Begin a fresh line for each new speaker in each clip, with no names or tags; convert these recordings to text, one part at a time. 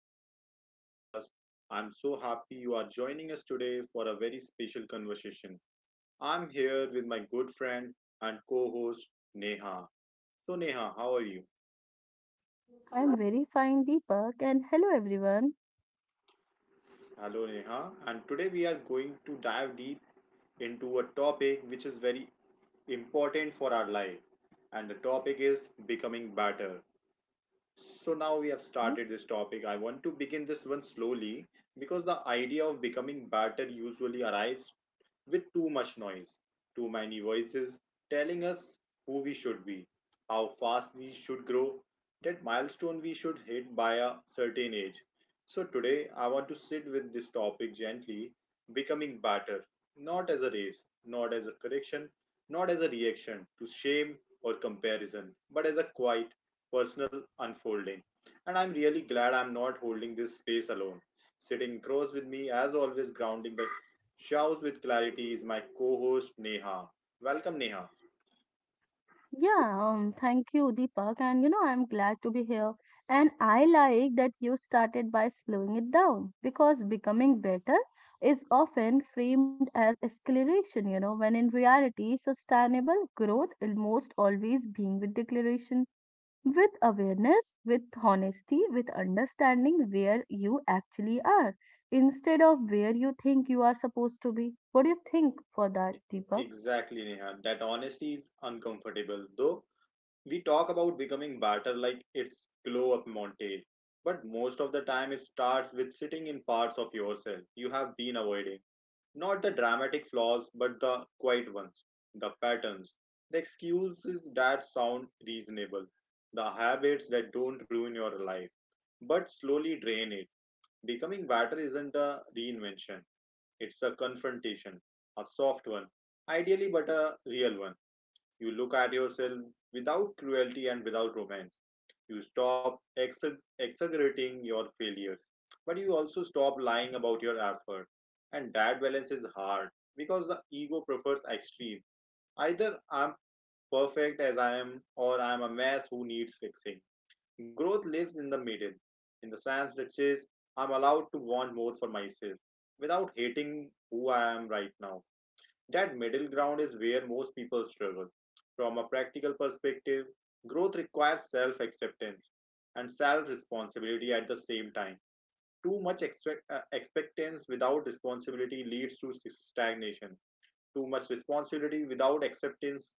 welcome to our podcast. I'm so happy you are joining us today for a very special conversation. I'm here with my good friend and co host, Neha. So, Neha, how are you?
I'm very fine, Deepak, and hello everyone.
Hello, Neha, and today we are going to dive deep into a topic which is very important for our life, and the topic is becoming better. So now we have
Hmm.
started this topic. I want to begin this one slowly because the idea of becoming better usually arrives with too much noise, too many voices telling us who we should be, how fast we should grow, that milestone we should hit by a certain age. So today I want to sit with this topic gently, becoming better, not as a race, not as a correction, not as a reaction to shame or comparison, but as a quiet personal unfolding. And I'm really glad I'm not holding this space alone. Sitting across with me, as always, grounding the shouts with clarity, is my co host Neha. Welcome, Neha.
Yeah, thank you, Deepak, and you know I'm glad to be here. And I like that you started by slowing it down because becoming better is often framed as acceleration, you know, when in reality, sustainable growth almost always being with declaration. With awareness, with honesty, with understanding where you actually are instead of where you think you are supposed to be. What do you think for that, Deepak?
Exactly, Neha. That honesty is uncomfortable, though we talk about becoming better like it's glow up montage. But most of the time, it starts with sitting in parts of yourself you have been avoiding. Not the dramatic flaws, but the quiet ones, the patterns, the excuses that sound reasonable, the habits that don't ruin your life, but slowly drain it. Becoming better isn't a reinvention, it's a confrontation, a soft one, ideally, but a real one. You look at yourself without cruelty and without romance. You stop exaggerating your failures, but you also stop lying about your effort. And that balance is hard because the ego prefers extreme. Either I'm perfect as I am, or I'm a mess who needs fixing. Growth lives in the middle, in the sense that says I'm allowed to want more for myself without hating who I am right now. That middle ground is where most people struggle. From a practical perspective, growth requires self acceptance and self responsibility at the same time. Too much expectance without responsibility leads to stagnation. Too much responsibility without acceptance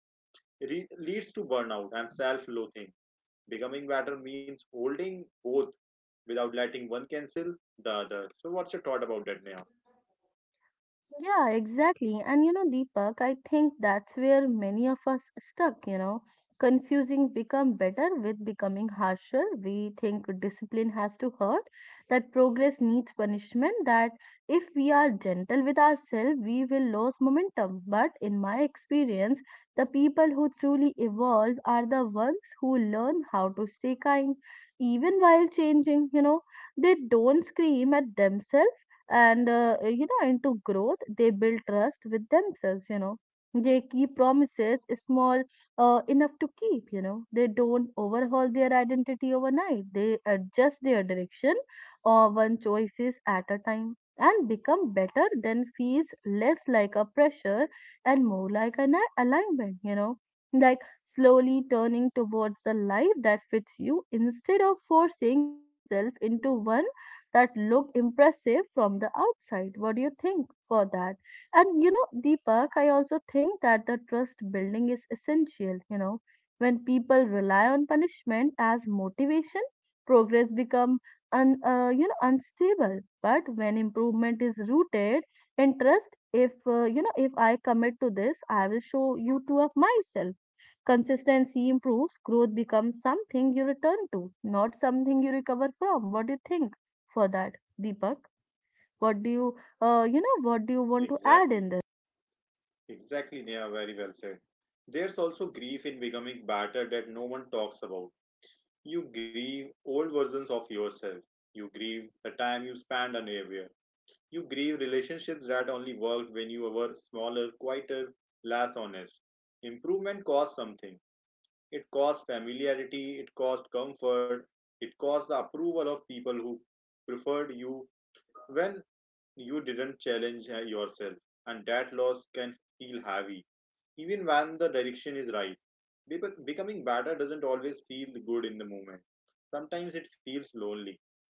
leads to burnout and self loathing. Becoming better means holding both without letting one cancel the other. So, what's your thought about that, Neha?
Yeah, exactly. And you know, Deepak, I think that's where many of us stuck, you know. Confusing become better with becoming harsher. We think discipline has to hurt, that progress needs punishment, that if we are gentle with ourselves, we will lose momentum. But in my experience, the people who truly evolve are the ones who learn how to stay kind, even while changing, you know. They don't scream at themselves and you know into growth, they build trust with themselves, you know. They keep promises small, enough to keep, you know. They don't overhaul their identity overnight, they adjust their direction or one choices at a time, and become better then feels less like a pressure and more like an alignment, you know, like slowly turning towards the life that fits you instead of forcing yourself into one that look impressive from the outside. What do you think for that? And you know, Deepak, I also think that the trust building is essential. You know, when people rely on punishment as motivation, progress become you know unstable. But when improvement is rooted in trust, if you know, if I commit to this, I will show you two of myself. Consistency improves, growth becomes something you return to, not something you recover from. What do you think for that, Deepak? What do you, what do you want to add
Exactly.
in this?
Exactly, Neha, very well said. There's also grief in becoming better that no one talks about. You grieve old versions of yourself. You grieve the time you spent unaware. You grieve relationships that only worked when you were smaller, quieter, less honest. Improvement costs something. It costs familiarity, it costs comfort, it costs the approval of people who preferred you when you didn't challenge yourself. And that loss can feel heavy even when the direction is right. Becoming better doesn't always feel good in the moment. Sometimes it feels lonely.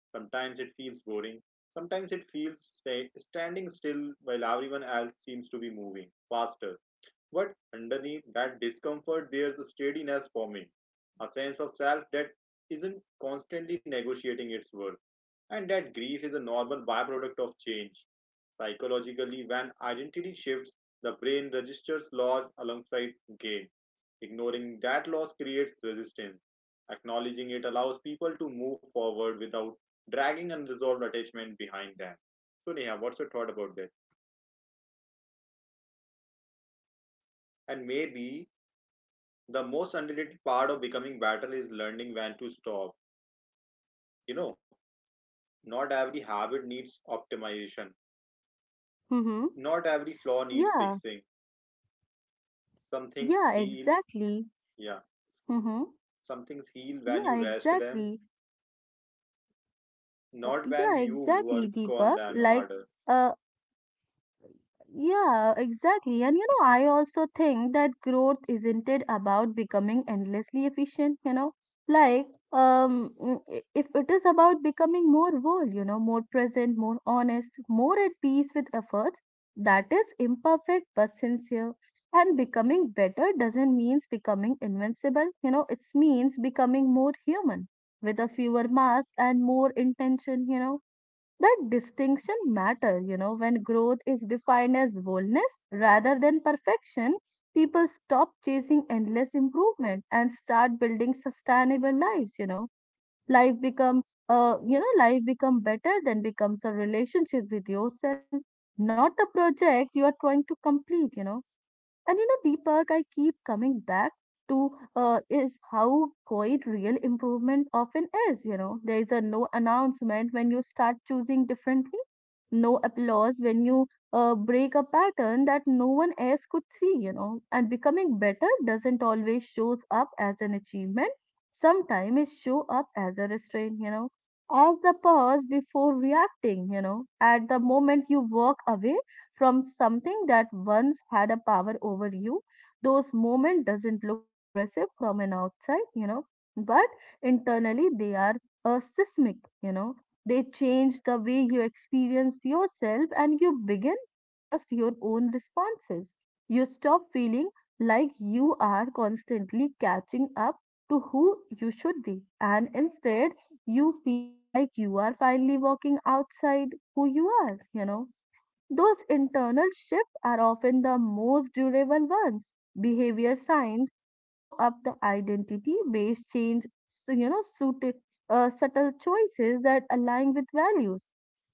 Sometimes it feels boring. Sometimes it feels standing still while everyone else seems to be moving faster. But underneath that discomfort, there's a steadiness forming, a sense of self that isn't constantly negotiating its worth. And that grief is a normal byproduct of change. Psychologically, when identity shifts, the brain registers loss alongside gain. Ignoring that loss creates resistance. Acknowledging it allows people to move forward without dragging unresolved attachment behind them. So, Neha, what's your thought about that? And maybe the most underrated part of becoming better is learning when to stop. You know, not every habit needs optimization,
Mm-hmm.
not every flaw needs
Yeah,
fixing. Some things
yeah,
heal,
exactly.
yeah,
Mm-hmm.
some things heal when
Yeah,
you rest them,
exactly.
not when
Yeah,
you work
exactly,
on
Deepak.
them
Like,
harder.
uh, yeah, exactly. And you know, I also think that growth isn't it about becoming endlessly efficient, you know? Like, if it is about becoming more whole, you know, more present, more honest, more at peace with efforts, that is imperfect but sincere. And becoming better doesn't means becoming invincible, you know, it means becoming more human with a fewer mask and more intention, you know, that distinction matter, you know, when growth is defined as boldness rather than perfection, people stop chasing endless improvement and start building sustainable lives, you know. Life become life become better than becomes a relationship with yourself, not the project you are trying to complete, you know. And you know, Deepak, I keep coming back to is how quiet real improvement often is. You know, there is a no announcement when you start choosing differently, no applause when you break a pattern that no one else could see. You know, and becoming better doesn't always shows up as an achievement. Sometimes it show up as a restraint. You know, as the pause before reacting. You know, at the moment you walk away from something that once had a power over you, those moments doesn't look impressive from an outside, you know, but internally they are a seismic, you know, they change the way you experience yourself, and you begin to trust your own responses. You stop feeling like you are constantly catching up to who you should be, and instead you feel like you are finally walking outside who you are, you know. Those internal shifts are often the most durable ones. Behavior science show up the identity based change, so, you know, subtle choices that align with values,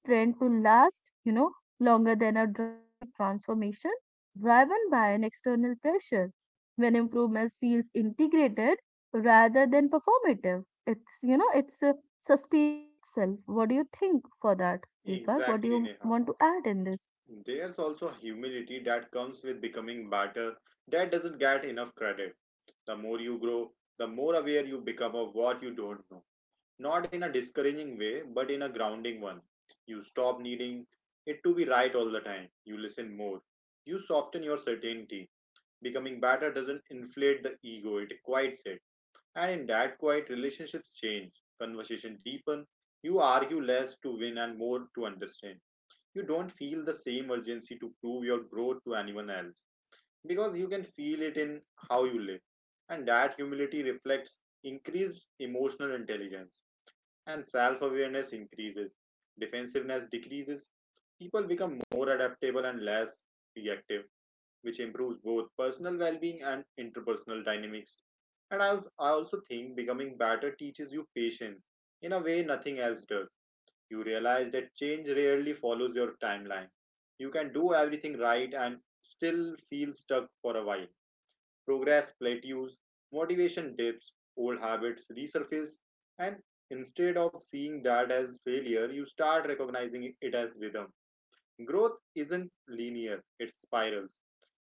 tend to last, you know, longer than a dramatic transformation driven by an external pressure. When improvements feels integrated rather than performative, it's, you know, it's sustain itself. What do you think for that, Deepak? What do
Exactly,
you
Neha.
want to add in this?
There's also humility that comes with becoming better that doesn't get enough credit. The more you grow, the more aware you become of what you don't know. Not in a discouraging way, but in a grounding one. You stop needing it to be right all the time. You listen more. You soften your certainty. Becoming better doesn't inflate the ego, it quiets it. And in that quiet, relationships change, conversation deepen, you argue less to win and more to understand. You don't feel the same urgency to prove your growth to anyone else because you can feel it in how you live. And that humility reflects increased emotional intelligence, and self awareness increases, defensiveness decreases, people become more adaptable and less reactive, which improves both personal well-being and interpersonal dynamics. And I also think becoming better teaches you patience in a way nothing else does. You realize that change rarely follows your timeline. You can do everything right and still feel stuck for a while. Progress plateaus, motivation dips, old habits resurface, and instead of seeing that as failure, you start recognizing it as rhythm. Growth isn't linear, it spirals.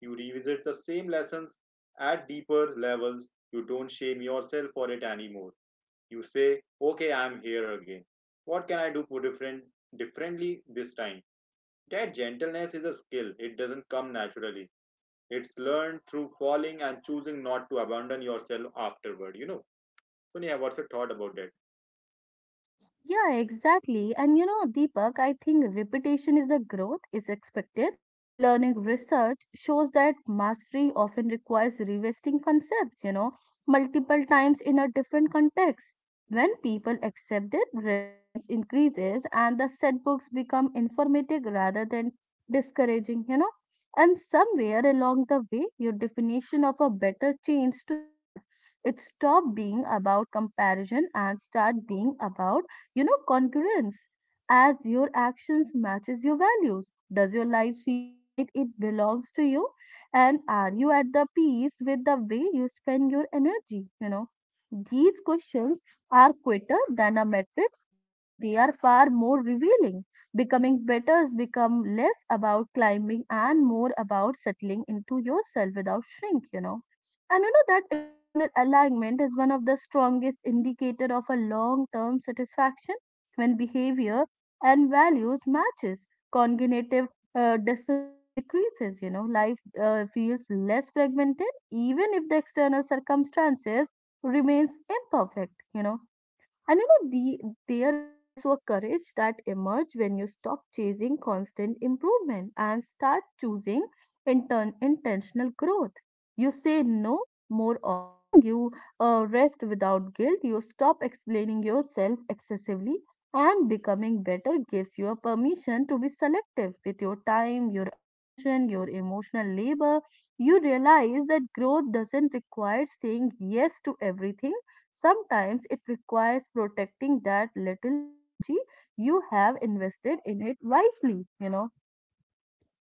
You revisit the same lessons at deeper levels. You don't shame yourself for it anymore. You say, okay, I'm here again. What can I do differently this time? That gentleness is a skill. It doesn't come naturally. It's learned through falling and choosing not to abandon yourself afterward, you know. So, Neha, what's your thought about that?
Yeah, exactly. And you know, Deepak, I think repetition is a growth is expected. Learning research shows that mastery often requires revisiting concepts, you know, multiple times in a different context. When people accept it, resilience increases and the set books become informative rather than discouraging, you know. And somewhere along the way, your definition of a better change to start. It stop being about comparison and start being about, you know, congruence. As your actions matches your values, does your life feels like it belongs to you, and are you at the peace with the way you spend your energy, you know? These questions are quicker than a matrix, but they are far more revealing. Becoming better has become less about climbing and more about settling into yourself without shrink, you know. And you know that internal alignment is one of the strongest indicator of a long-term satisfaction when behavior and values matches. Cognitive dissonance decreases, you know, life feels less fragmented even if the external circumstances remains imperfect, you know. And you know, there is also a courage that emerges when you stop chasing constant improvement and start choosing intentional growth. You say no more often, you rest without guilt, you stop explaining yourself excessively, and becoming better gives you a permission to be selective with your time, your attention, your emotional labor. You realize that growth doesn't require saying yes to everything. Sometimes it requires protecting that little energy you have invested in it wisely, you know.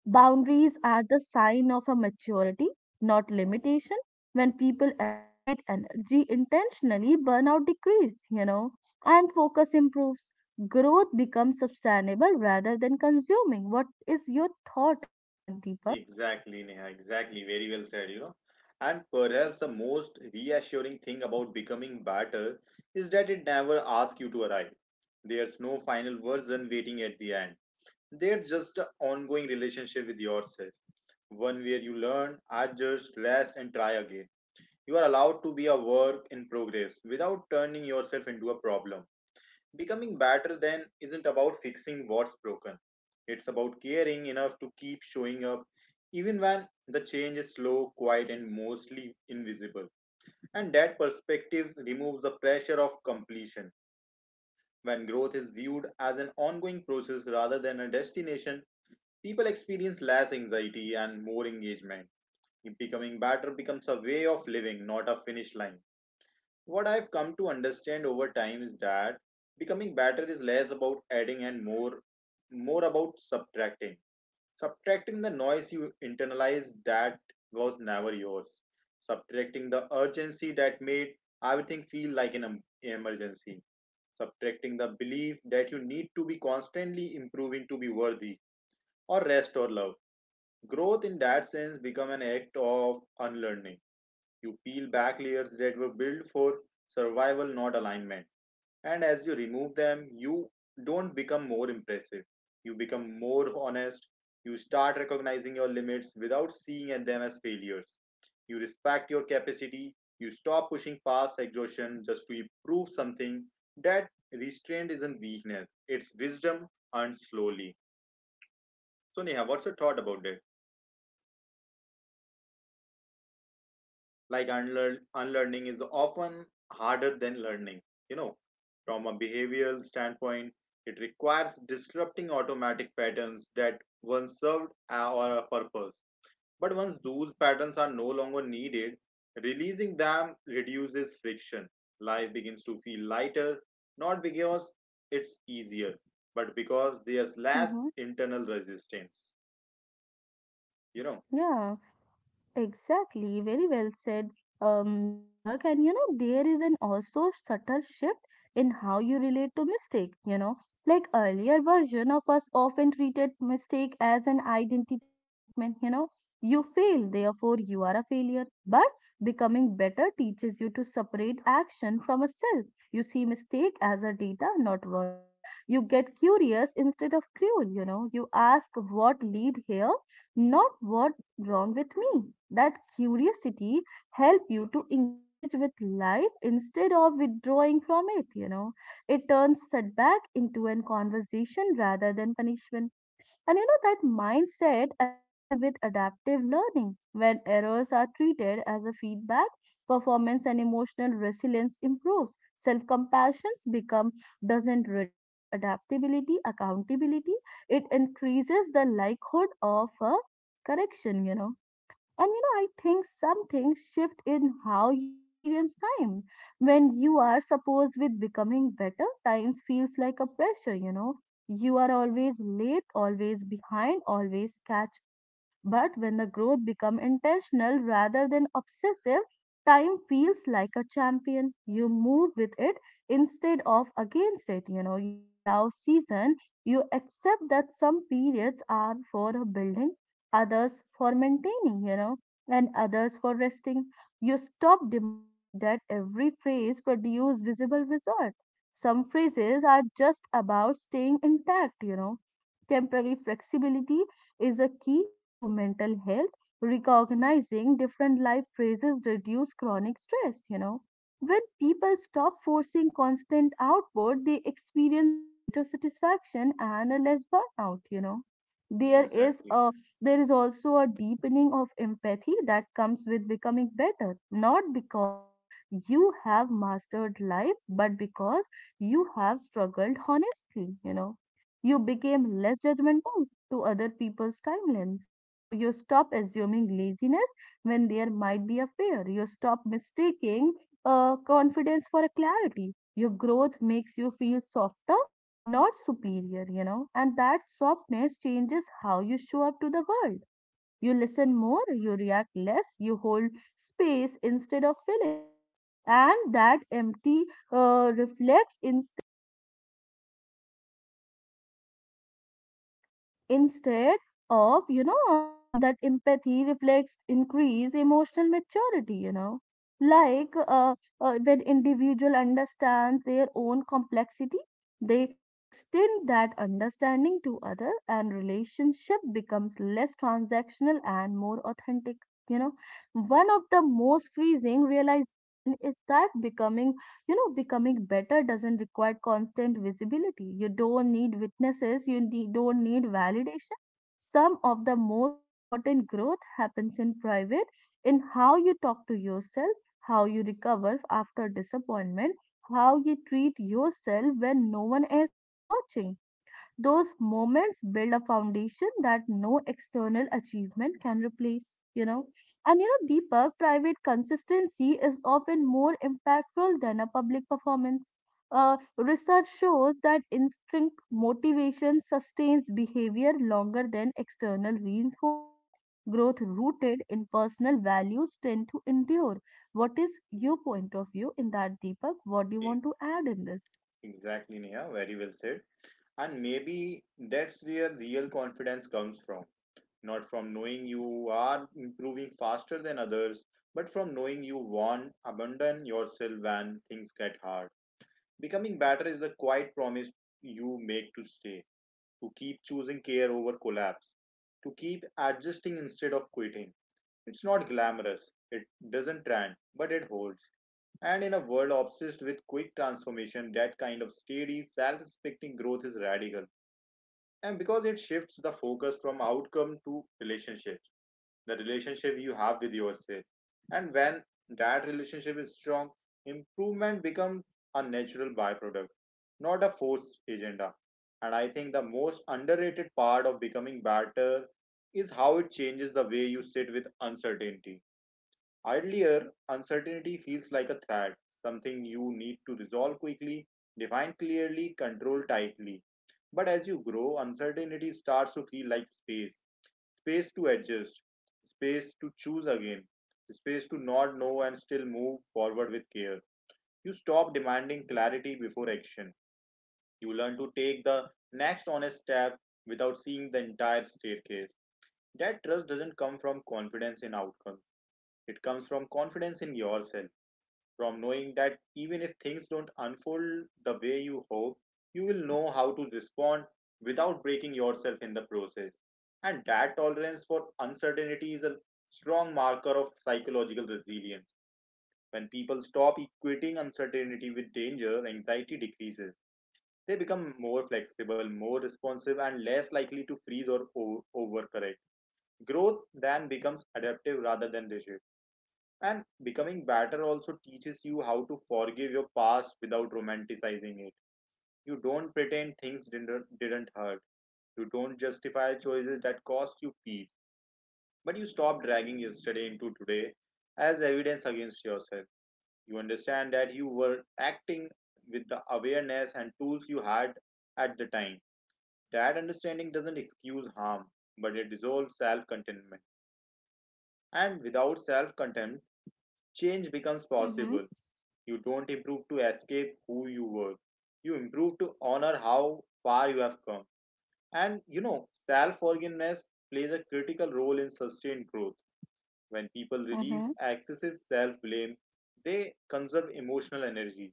Boundaries are the sign of a maturity, not limitation. When people allocate energy intentionally, burnout decreases, you know, and focus improves. Growth becomes sustainable rather than consuming. What is your thought in that, Deepak?
Exactly, Neha, exactly. Very well said, you know. And perhaps the most reassuring thing about becoming better is that it never asks you to arrive. There's no final version waiting at the end. There's just an ongoing relationship with yourself, one where you learn, adjust, rest, and try again. You are allowed to be a work in progress without turning yourself into a problem. Becoming better then isn't about fixing what's broken. It's about caring enough to keep showing up, even when the change is slow, quiet, and mostly invisible. And that perspective removes the pressure of completion. When growth is viewed as an ongoing process rather than a destination, people experience less anxiety and more engagement. Becoming better becomes a way of living, not a finish line. What I've come to understand over time is that becoming better is less about adding and more about subtracting. Subtracting the noise you internalized that was never yours. Subtracting the urgency that made everything feel like an emergency. Subtracting the belief that you need to be constantly improving to be worthy or rest or love. Growth in that sense become an act of unlearning. You peel back layers that were built for survival, not alignment, and as you remove them, you don't become more impressive, you become more honest. You start recognizing your limits without seeing them as failures. You respect your capacity. You stop pushing past exhaustion just to prove something. That restraint isn't weakness, it's wisdom earned slowly. So, Neha, what's your thought about this? Like, unlearning is often harder than learning, you know. From a behavioral standpoint, it requires disrupting automatic patterns that once served a- or a purpose, but once those patterns are no longer needed, releasing them reduces friction. Life begins to feel lighter, not because it's easier, but because there's less
Mm-hmm.
internal resistance, you know.
Yeah. Exactly, very well said, Deepak. And you know, there is an also subtle shift in how you relate to mistake. You know, like earlier version of us often treated mistake as an identity statement. You know, you fail, therefore you are a failure. But becoming better teaches you to separate action from a self. You see mistake as a data, not verdict. You get curious instead of cruel. You know, you ask what lead here, not what wrong with me. That curiosity help you to engage with life instead of withdrawing from it, you know. It turns setback into an conversation rather than punishment. And you know that mindset aligning with adaptive learning, when errors are treated as a feedback, performance and emotional resilience improves. Self-compassions become doesn't reduce adaptability, accountability. It increases the likelihood of a correction, you know. And you know, I think some things shift in how you experience time. When you are supposed with becoming better, times feels like a pressure, you know. You are always late, always behind, always catch up. But when the growth become intentional rather than obsessive, time feels like a champion. You move with it instead of against it, you know. You allow season, you accept that some periods are for a building, others for maintaining, you know, and others for resting. You stop demanding that every phrase produce visible result. Some phrases are just about staying intact, you know. Temporary flexibility is a key to mental health. Recognizing different life phases reduce chronic stress, you know. When people stop forcing constant output, they experience greater satisfaction and a less burnout, you know. There is
Exactly.
a there is also a deepening of empathy that comes with becoming better, not because you have mastered life, but because you have struggled honestly, you know. You became less judgmental to other people's timelines. You know, you stop assuming laziness when there might be a fear. You stop mistaking confidence for a clarity. Your growth makes you feel softer, not superior, you know. And that softness changes how you show up to the world. You listen more, you react less, you hold space instead of filling it. And that empty reflects in instead of that empathy reflects increased emotional maturity, you know. Like when individual understands their own complexity, they extend that understanding to other, and relationship becomes less transactional and more authentic, you know. One of the most freezing realization is that becoming better doesn't require constant visibility. You don't need witnesses, don't need validation. Some of the most important growth happens in private, in how you talk to yourself, how you recover after disappointment, how you treat yourself when no one else is watching. Those moments build a foundation that no external achievement can replace, you know. And you know, Deepak, private consistency is often more impactful than a public performance. Research shows that instinct motivation sustains behavior longer than external reinforcement. Growth rooted in personal values tend to endure. What is your point of view in that, Deepak? What do you
E-
want to add in this?
exactly, Neha, very well said. And maybe that's where real confidence comes from. Not from knowing you are improving faster than others, but from knowing you won't abandon yourself when things get hard. Becoming better is the quiet promise you make to stay, to keep choosing care over collapse, to keep adjusting instead of quitting. It's not glamorous, it doesn't trend, but it holds. And in a world obsessed with quick transformation, that kind of steady, self respecting growth is radical, and because it shifts the focus from outcome to relationships, the relationship you have with yourself. And when that relationship is strong, improvement becomes a natural byproduct, not a forced agenda. And I think the most underrated part of becoming better is how it changes the way you sit with uncertainty. Earlier, uncertainty feels like a threat, something you need to resolve quickly, define clearly, control tightly. But as you grow, uncertainty starts to feel like space, space to adjust, space to choose again, space to not know and still move forward with care. You stop demanding clarity before action. You learn to take the next honest step without seeing the entire staircase. That trust doesn't come from confidence in outcomes, it comes from confidence in yourself, from knowing that even if things don't unfold the way you hope, you will know how to respond without breaking yourself in the process. And that tolerance for uncertainty is a strong marker of psychological resilience. When people stop equating uncertainty with danger, anxiety decreases. They become more flexible, more responsive, and less likely to freeze or overcorrect. Growth then becomes adaptive rather than rigid. And becoming better also teaches you how to forgive your past without romanticizing it. You don't pretend things didn't hurt. You don't justify choices that cost you peace. But you stop dragging yesterday into today as evidence against yourself. You understand that you were acting with the awareness and tools you had at the time. That understanding doesn't excuse harm, but it dissolves self contentment. And without self contempt, change becomes
Mm-hmm.
possible. You don't improve to escape who you were. You improve to honor how far you have come. And you know, self forgiveness plays a critical role in sustained growth. When people release
Mm-hmm.
excessive self blame, they conserve emotional energy.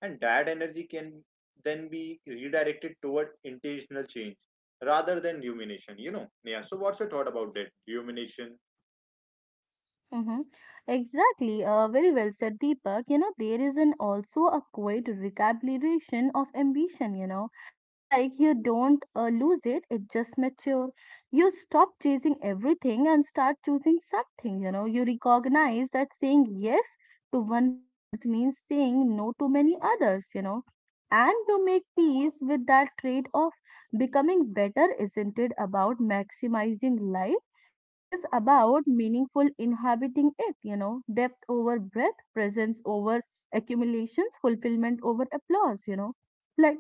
And that energy can then be redirected toward intentional change rather than rumination. You know, yeah. So, what's your thought about that? Rumination.
Mm-hmm. Exactly. Very well said, Deepak. There is an also a quiet recalibration of ambition. Like you don't lose it, it just mature. You stop chasing everything and start choosing something, you know. You recognize that saying yes to one path means saying no to many others. And you make peace with that trade-off. Becoming better isn't it about maximizing life? It is about meaningful inhabiting it, depth over breadth, presence over accumulations, fulfillment over applause. Like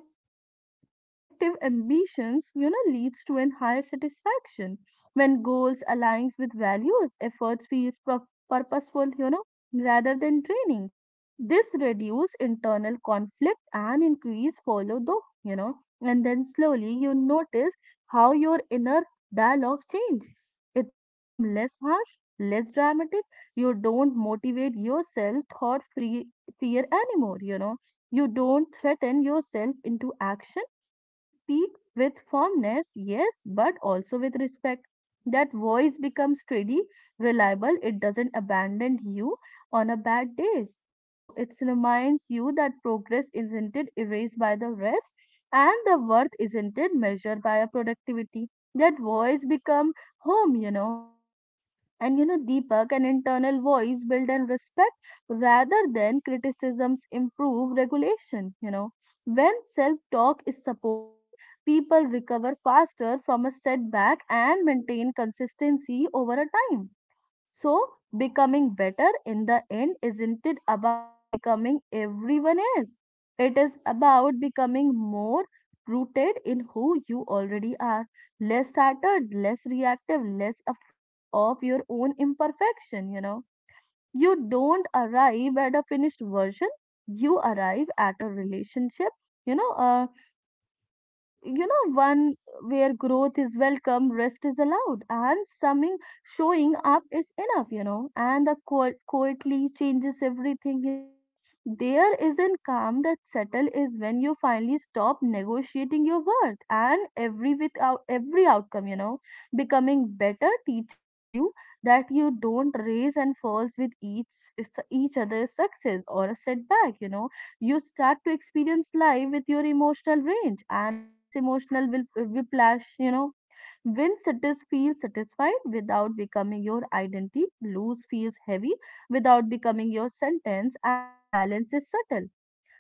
selective ambitions leads to an higher satisfaction when goals aligns with values, efforts feels purposeful, rather than draining. This reduce internal conflict and increase follow though, and then slowly you notice how your inner dialogue change. It's become less harsh, less dramatic. You don't motivate yourself thought free fear anymore. You don't threaten yourself into action. You speak with firmness, yes, but also with respect. That voice becomes steady, reliable. It doesn't abandon you on a bad days. It reminds you that progress isn't it erased by the rest, and the worth isn't it measured by a productivity. That voice become home. And Deepak, an internal voice built in respect rather than criticisms improve regulation. When self talk is supported, people recover faster from a setback and maintain consistency over a time. So, becoming better in the end isn't it about becoming everyone else? It is about becoming more rooted in who you already are, less shattered, less reactive, less afraid of your own imperfection. You don't arrive at a finished version, you arrive at a relationship, you know, uh, One where growth is welcome, rest is allowed, and summing showing up is enough, and the quietly changes everything. There isn't calm that settle is when you finally stop negotiating your worth and every without every outcome. Becoming better teaches you that you don't raise and falls with each other's success or a setback. You start to experience life with your emotional range and a less emotional whiplash. When satis feels satisfied without becoming your identity, loose feels heavy without becoming your sentence, and balance is subtle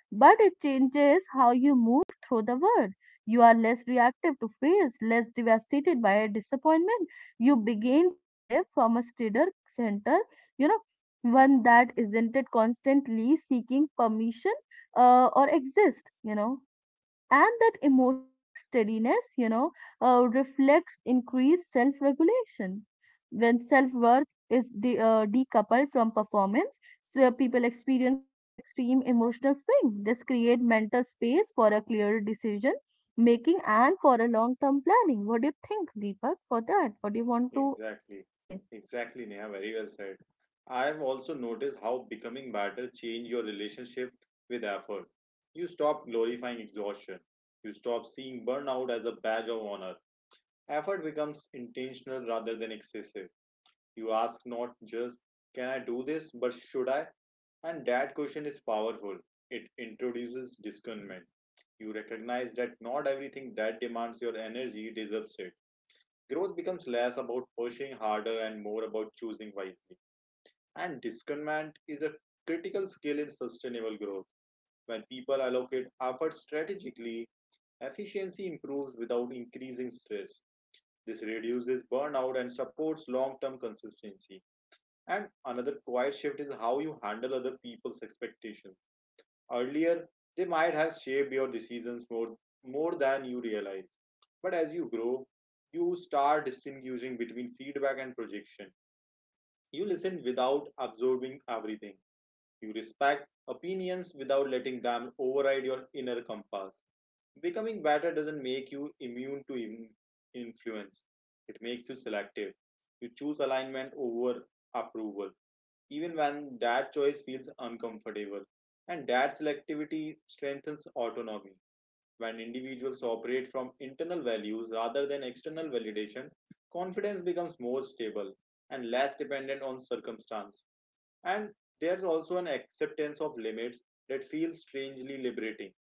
but it changes how you move through the world. You are less reactive to fears, less devastated by a disappointment. You begin to live from a steadier center, you know, one that isn't it constantly seeking permission or exist, and that emotional steadiness reflects increased self-regulation when self-worth is decoupled from performance. So people experience favor extreme emotional swing. This create mental space for a clearer decision making and for a long-term planning. What do you think, Deepak, for that? What do you want to
Exactly.
say?
Exactly, Neha. Very well said. I've also noticed how becoming better change your relationship with effort. You stop glorifying exhaustion. You stop seeing burnout as a badge of honor. Effort becomes intentional rather than excessive. You ask not just, can I do this, but should I? And that question is powerful. It introduces discernment. You recognize that not everything that demands your energy deserves it. Growth becomes less about pushing harder and more about choosing wisely. And discernment is a critical skill in sustainable growth. When people allocate effort strategically, efficiency improves without increasing stress. This reduces burnout and supports long term consistency. And another quiet shift is how you handle other people's expectations. Earlier, they might have shaped your decisions more, more than you realize. But as you grow, you start distinguishing between feedback and projection. You listen without absorbing everything. You respect opinions without letting them override your inner compass. Becoming better doesn't make you immune to influence, it makes you selective. You choose alignment over approval, even when that choice feels uncomfortable. And that selectivity strengthens autonomy. When individuals operate from internal values rather than external validation, confidence becomes more stable and less dependent on circumstance. And there's also an acceptance of limits that feels strangely liberating.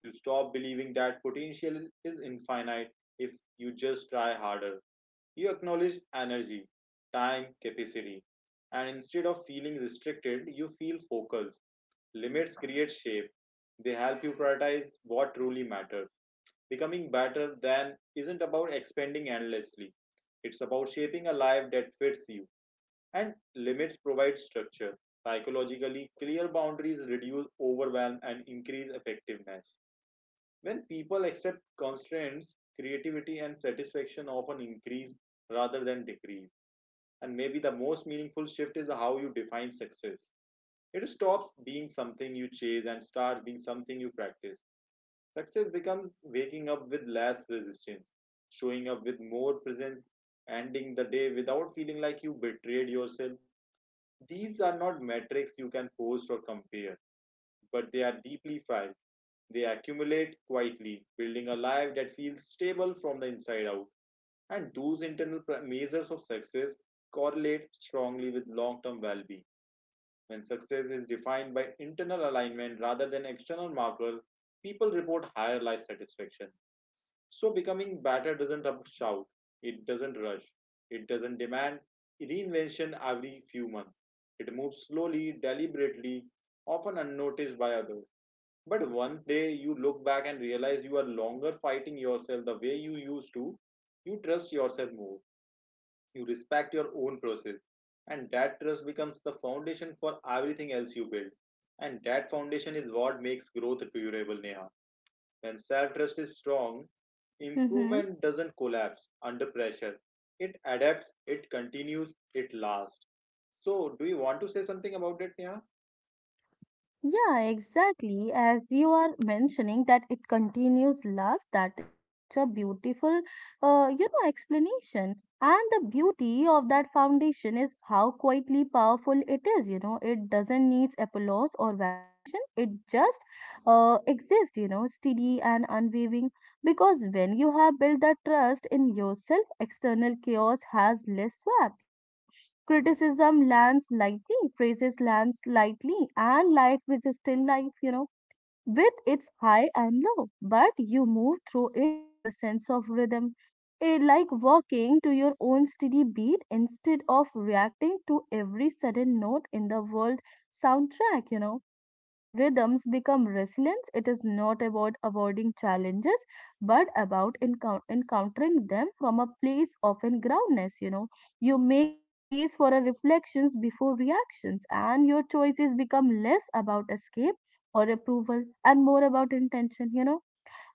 You stop believing that potential is infinite if you just try harder. You acknowledge energy, time, capacity. And instead of feeling restricted, you feel focused. Limits create shape, they help you prioritize what truly matters. Becoming better than isn't about expanding endlessly, it's about shaping a life that fits you and limits provide structure. Psychologically, clear boundaries reduce overwhelm and increase effectiveness. When people accept constraints, creativity and satisfaction often increase rather than decrease. And maybe the most meaningful shift is how you define success. It stops being something you chase and starts being something you practice. Success becomes waking up with less resistance, showing up with more presence, ending the day without feeling like you betrayed yourself. These are not metrics you can post or compare, but they are deeply felt. They accumulate quietly, building a life that feels stable from the inside out. And those internal measures of success correlate strongly with long term well being. When success is defined by internal alignment rather than external markers, people report higher life satisfaction, so becoming better doesn't shout, it doesn't rush, it doesn't demand reinvention every few months. It moves slowly, deliberately, often unnoticed by others. But one day you look back and realize you are longer fighting yourself the way you used to. You trust yourself more, you respect your own process, and that trust becomes the foundation for everything else you build. And that foundation is what makes growth durable, Neha. When self trust is strong,
Mm-hmm.
improvement doesn't collapse under pressure. It adapts, it continues, it lasts. So, do you want to say something about it, Neha?
Yeah, exactly. As you are mentioning that it continues last, that is such a beautiful explanation. And the beauty of that foundation is how quietly powerful it is. It doesn't need applause or validation. It just exists, steady and unwavering. Because when you have built that trust in yourself, external chaos has less swap. Criticism lands lightly, phrases lands lightly, and life is still life, with its high and low, but you move through it with a sense of rhythm. It like walking to your own steady beat instead of reacting to every sudden note in the world soundtrack. That rhythms become resilience. It is not about avoiding challenges, but about encountering them from a place of groundness. You make space for a reflections before reactions, and your choices become less about escape or approval and more about intention.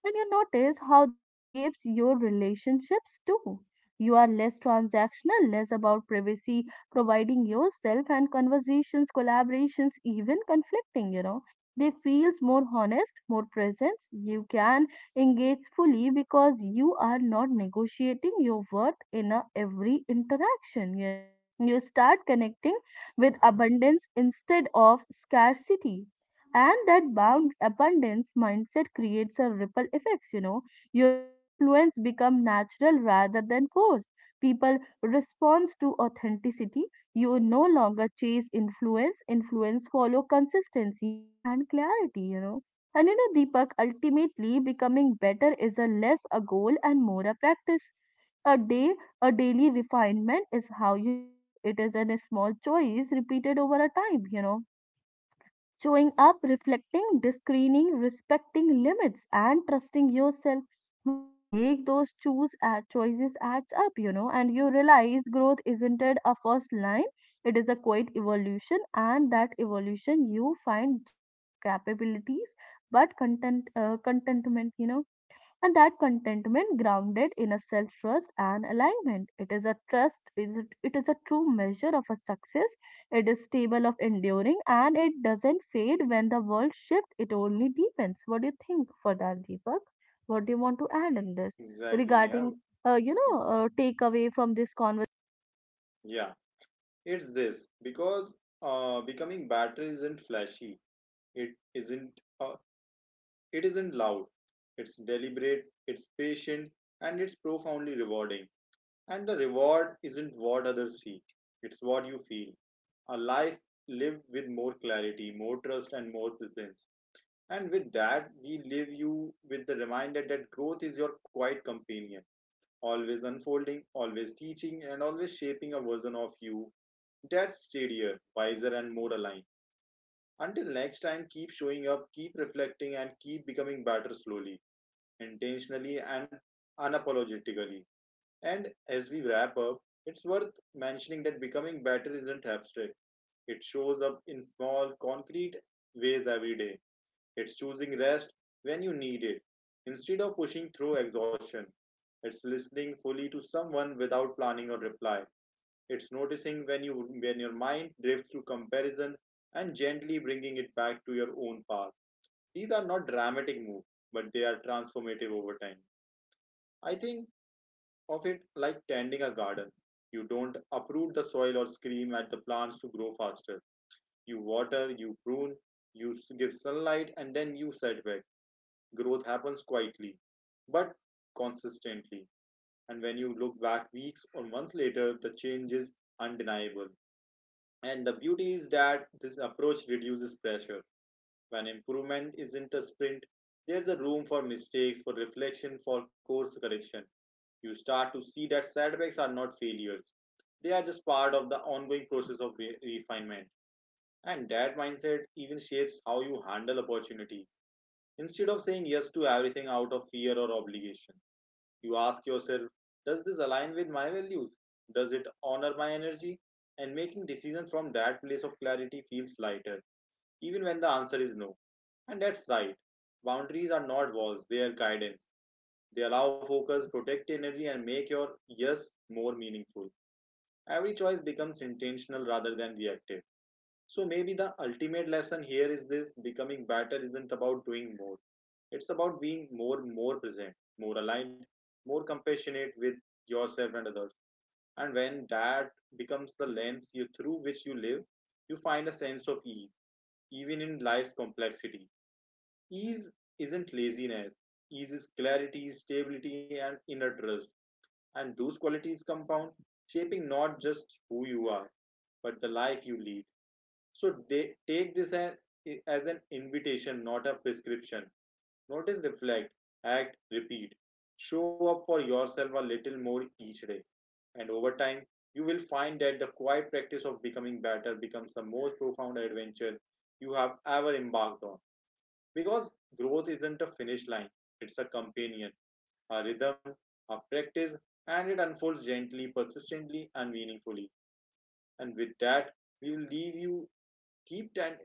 And you notice how this shapes your relationships too. You are less transactional, less about privacy, providing yourself and conversations, collaborations, even conflicting. They feels more honest, more presence. You can engage fully because you are not negotiating your worth in a, every interaction, you know. You start connecting with abundance instead of scarcity, and that bound abundance mindset creates a ripple effects. Your influence become natural rather than forced. People responds to authenticity. You no longer chase influence follow consistency and clarity. And Deepak, ultimately becoming better is a less a goal and more a practice. A day a daily refinement is how you live. It is a small choice repeated over a time. Showing up, reflecting, discerning, respecting limits, and trusting yourself. One day, those choose choices adds up, and you realize growth isn't it a first line; it is a quiet evolution, and that evolution you find just capabilities, but contentment, and that contentment grounded in a self-trust and alignment. It is a true measure of a success. It is stable of enduring and it doesn't fade when the world shifts. It only deepens. What do you think for that, Deepak? What do you want to add in this
Exactly, Neha.
regarding takeaway from this conversation?
Yeah, it's this because becoming better isn't flashy. It isn't. Uh, it isn't loud. It's deliberate. It's patient, and it's profoundly rewarding. And the reward isn't what others see. It's what you feel. A life lived with more clarity, more trust, and more presence. And with that, we leave you with the reminder that growth is your quiet companion, always unfolding, always teaching, and always shaping a version of you that's steadier, wiser, and more aligned. Until next time, keep showing up, keep reflecting, and keep becoming better slowly, intentionally, and unapologetically. And as we wrap up, it's worth mentioning that becoming better isn't abstract, it shows up in small, concrete ways every day. It's choosing rest when you need it instead of pushing through exhaustion. It's listening fully to someone without planning a reply. It's noticing when you when your mind drifts to comparison and gently bringing it back to your own path. These are not dramatic moves, but they are transformative over time. I think of it like tending a garden. You don't uproot the soil or scream at the plants to grow faster. You water, you prune, give sunlight, and then you set back. Growth happens quietly but consistently. And when you look back weeks or months later, the change is undeniable. And the beauty is that this approach reduces pressure. When improvement isn't a sprint, there's a room for mistakes, for reflection, for course correction. You start to see that setbacks are not failures, they are just part of the ongoing process of refinement. And that mindset even shapes how you handle opportunity. Instead of saying yes to everything out of fear or obligation, you ask yourself, does this align with my values? Does it honor my energy? And making decisions from that place of clarity feels lighter, even when the answer is no. And that's right. Boundaries are not walls, they are guidance. They allow focus, protect energy, and make your yes more meaningful. Every choice becomes intentional rather than reactive. So maybe the ultimate lesson here is this: becoming better isn't about doing more, it's about being more. More present, more aligned, more compassionate with yourself and others. And when that becomes the lens through which you live, you find a sense of ease, even in life's complexity. Ease isn't laziness. Ease is clarity, stability, and inner trust. And those qualities compound, shaping not just who you are, but the life you lead. So they take this as an invitation, not a prescription. Notice, reflect, act, repeat. Show up for yourself a little more each day. And over time, you will find that the quiet practice of becoming better becomes the most profound adventure you have ever embarked on. Because growth isn't a finish line, it's a companion, a rhythm, a practice, and it unfolds gently, persistently, and meaningfully. And with that, we will leave you. Keep, ten-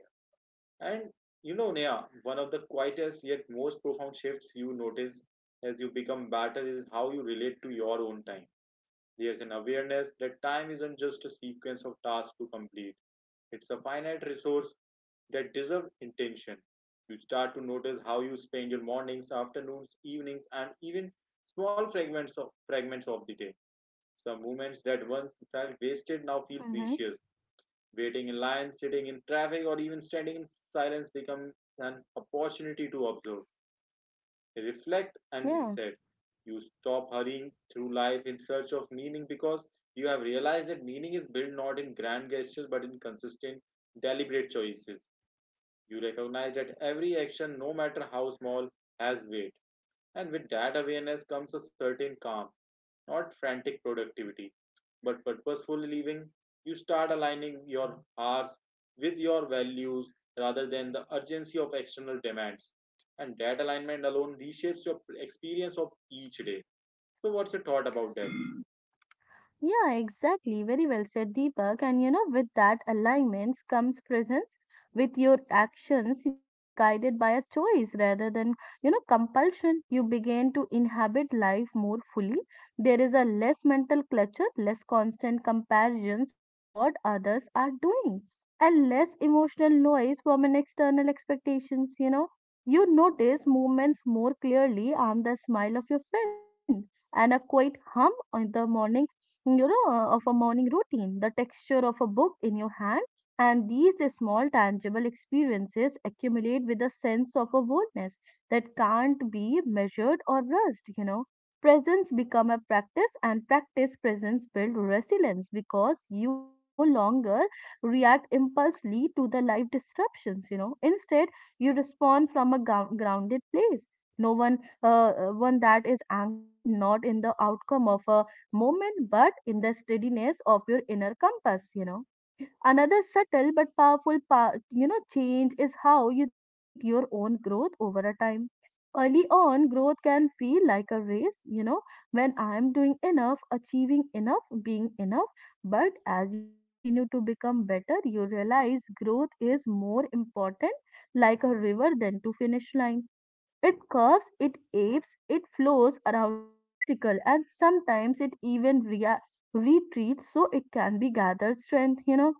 and You know, Neha, one of the quietest yet most profound shifts you notice as you become better is how you relate to your own time. There's an awareness that time isn't just a sequence of tasks to complete, it's a finite resource that deserves intention. You start to notice how you spend your mornings, afternoons, evenings, and even small fragments of the day. Some moments that once felt wasted now feel
Hmm.
precious. Waiting in line, sitting in traffic, or even standing in silence becomes an opportunity to observe, reflect, and
Yeah.
reset. You stop hurrying through life in search of meaning because you have realized that meaning is built not in grand gestures but in consistent, deliberate choices. You recognize that every action, no matter how small, has weight. And with that awareness comes a certain calm, not frantic productivity but purposeful living. You start aligning your hours with your values rather than the urgency of external demands. And that alignment alone reshapes your experience of each day. So, what's your thought about that?
Yeah, exactly. Very well said, Deepak. And with that alignments comes presence with your actions that guided by a choice rather than compulsion. You begin to inhabit life more fully. There is a less mental clutter, less constant comparisons of what others are doing, and less emotional noise from an external expectations, you know. You notice movements more clearly on the smile of your friend and a quiet hum on the morning of a morning routine, the texture of a book in your hand, and these small tangible experiences accumulate with a sense of a boldness that can't be measured or rushed. Presence become a practice and practice presence build resilience because you no longer react impulsively to the life disruptions. Instead, you respond from a grounded place. No one, One that is anchored not in the outcome of a moment, but in the steadiness of your inner compass. Another subtle but powerful part, change is how you treat your own growth over a time. Early on, growth can feel like a race, when I am doing enough, achieving enough, being enough. But as you continue to become better, you realize growth is more important like a river than to finish line. It curves, it apes, it flows around the obstacle, and sometimes it even retreats so it can be gathered strength.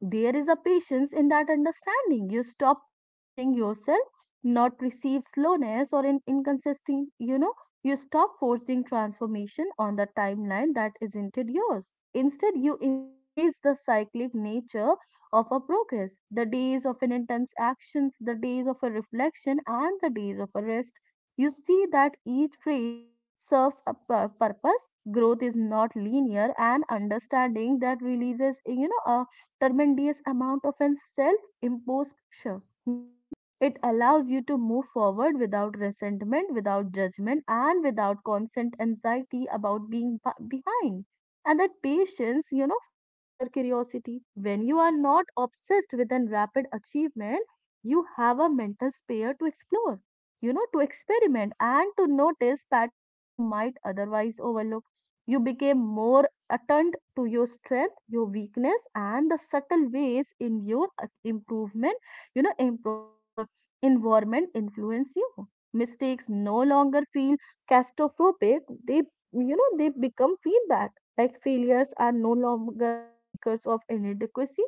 There is a patience in that understanding. You stop punishing yourself, not perceived slowness or in inconsistent, you stop forcing transformation on the timeline that isn't yours. Instead, you embrace the cyclic nature of a progress, the days of an intense actions, the days of a reflection, and the days of a rest. You see that each phase serves a purpose. Growth is not linear, and understanding that releases a tremendous amount of a self-imposed pressure. It allows you to move forward without resentment, without judgment, and without constant anxiety about being behind. And that patience foster curiosity. When you are not obsessed with an rapid achievement, you have a mental sphere to explore, to experiment and to notice patterns you might otherwise overlook. You became more attuned to your strength, your weakness, and the subtle ways in your improvement, you know, employ, uh, environment influence you. Mistakes no longer feel catastrophic. They, they become feedback. Like failures are no longer makers of inadequacy.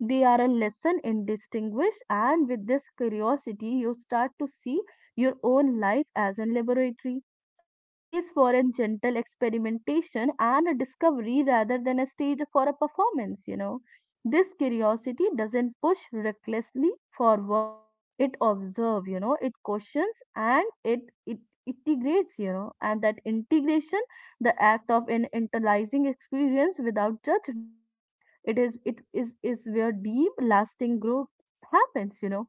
They are a lesson in distinguish, and with this curiosity, you start to see your own life as a laboratory, a space for a gentle experimentation and a discovery rather than a stage for a performance. This curiosity doesn't push recklessly forward, it observes, it questions, and it integrates, and that integration, the act of an internalizing experience without judgment, it is where deep lasting growth happens.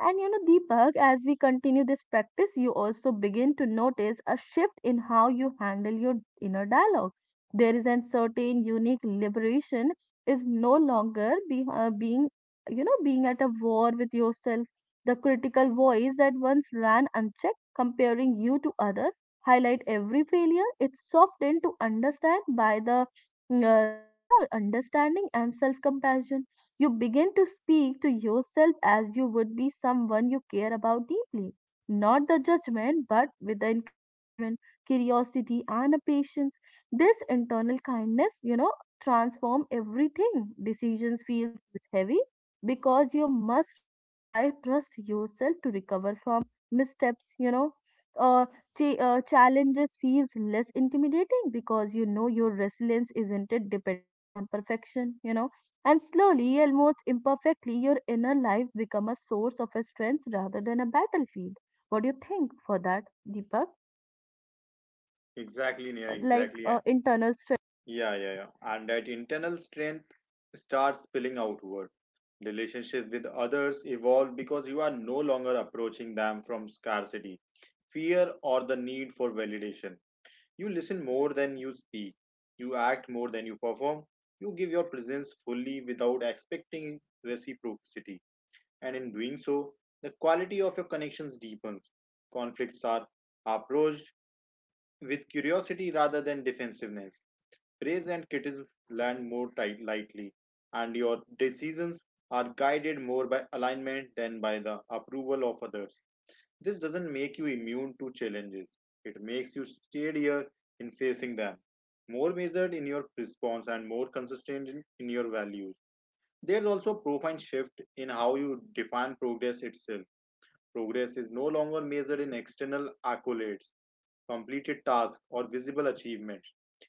And Deepak, as we continue this practice, you also begin to notice a shift in how you handle your inner dialogue. There is a certain unique liberation is no longer be, being, you know, being at a war with yourself. The critical voice that once ran unchecked, comparing you to others, highlight every failure. It's softened to understand by the understanding and self-compassion. You begin to speak to yourself as you would be someone you care about deeply, not the judgment, but with the encouragement, curiosity, and a patience. This internal kindness transform everything. Decisions feel heavy because you must try trust yourself to recover from missteps. Uh, Challenges feels less intimidating because you know your resilience isn't it dependent on perfection. And slowly, almost imperfectly, your inner life become a source of a strength rather than a battlefield. What do you think for that, Deepak?
Exactly, yeah,
No, like
exactly. Yeah,
internal strength.
yeah. And that internal strength starts spilling outward. Relationships with others evolve because you are no longer approaching them from scarcity, fear, or the need for validation. You listen more than you speak. You act more than you perform. You give your presence fully without expecting reciprocity. And in doing so, the quality of your connections deepens. Conflicts are approached with curiosity rather than defensiveness. Praise and criticism land more lightly, and your decisions are guided more by alignment than by the approval of others. This doesn't make you immune to challenges. It makes you steadier in facing them, more measured in your response, and more consistent in your values. There's also a profound shift in how you define progress itself. Progress is no longer measured in external accolades, completed tasks, or visible achievements.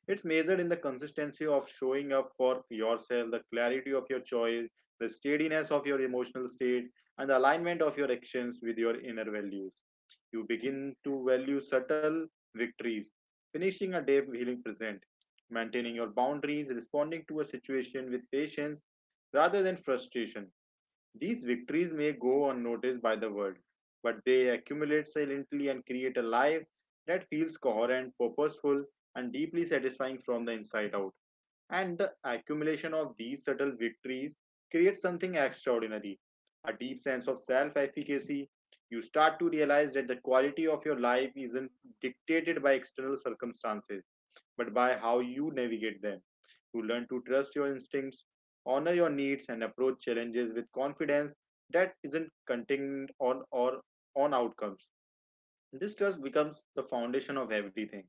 It's measured in the consistency of showing up for yourself, the clarity of your choice, the steadiness of your emotional state, and the alignment of your actions with your inner values. You begin to value subtle victories, finishing a day feeling present, maintaining your boundaries, responding to a situation with patience rather than frustration, these victories may go unnoticed by the world, but they accumulate silently and create a life that feels coherent, purposeful, and deeply satisfying from the inside out. And the accumulation of these subtle victories creates something extraordinary, a deep sense of self efficacy. You start to realize that the quality of your life isn't dictated by external circumstances, but by how you navigate them to learn to trust your instincts, honor your needs, and approach challenges with confidence that isn't contingent on or on outcomes. This trust becomes the foundation of everything,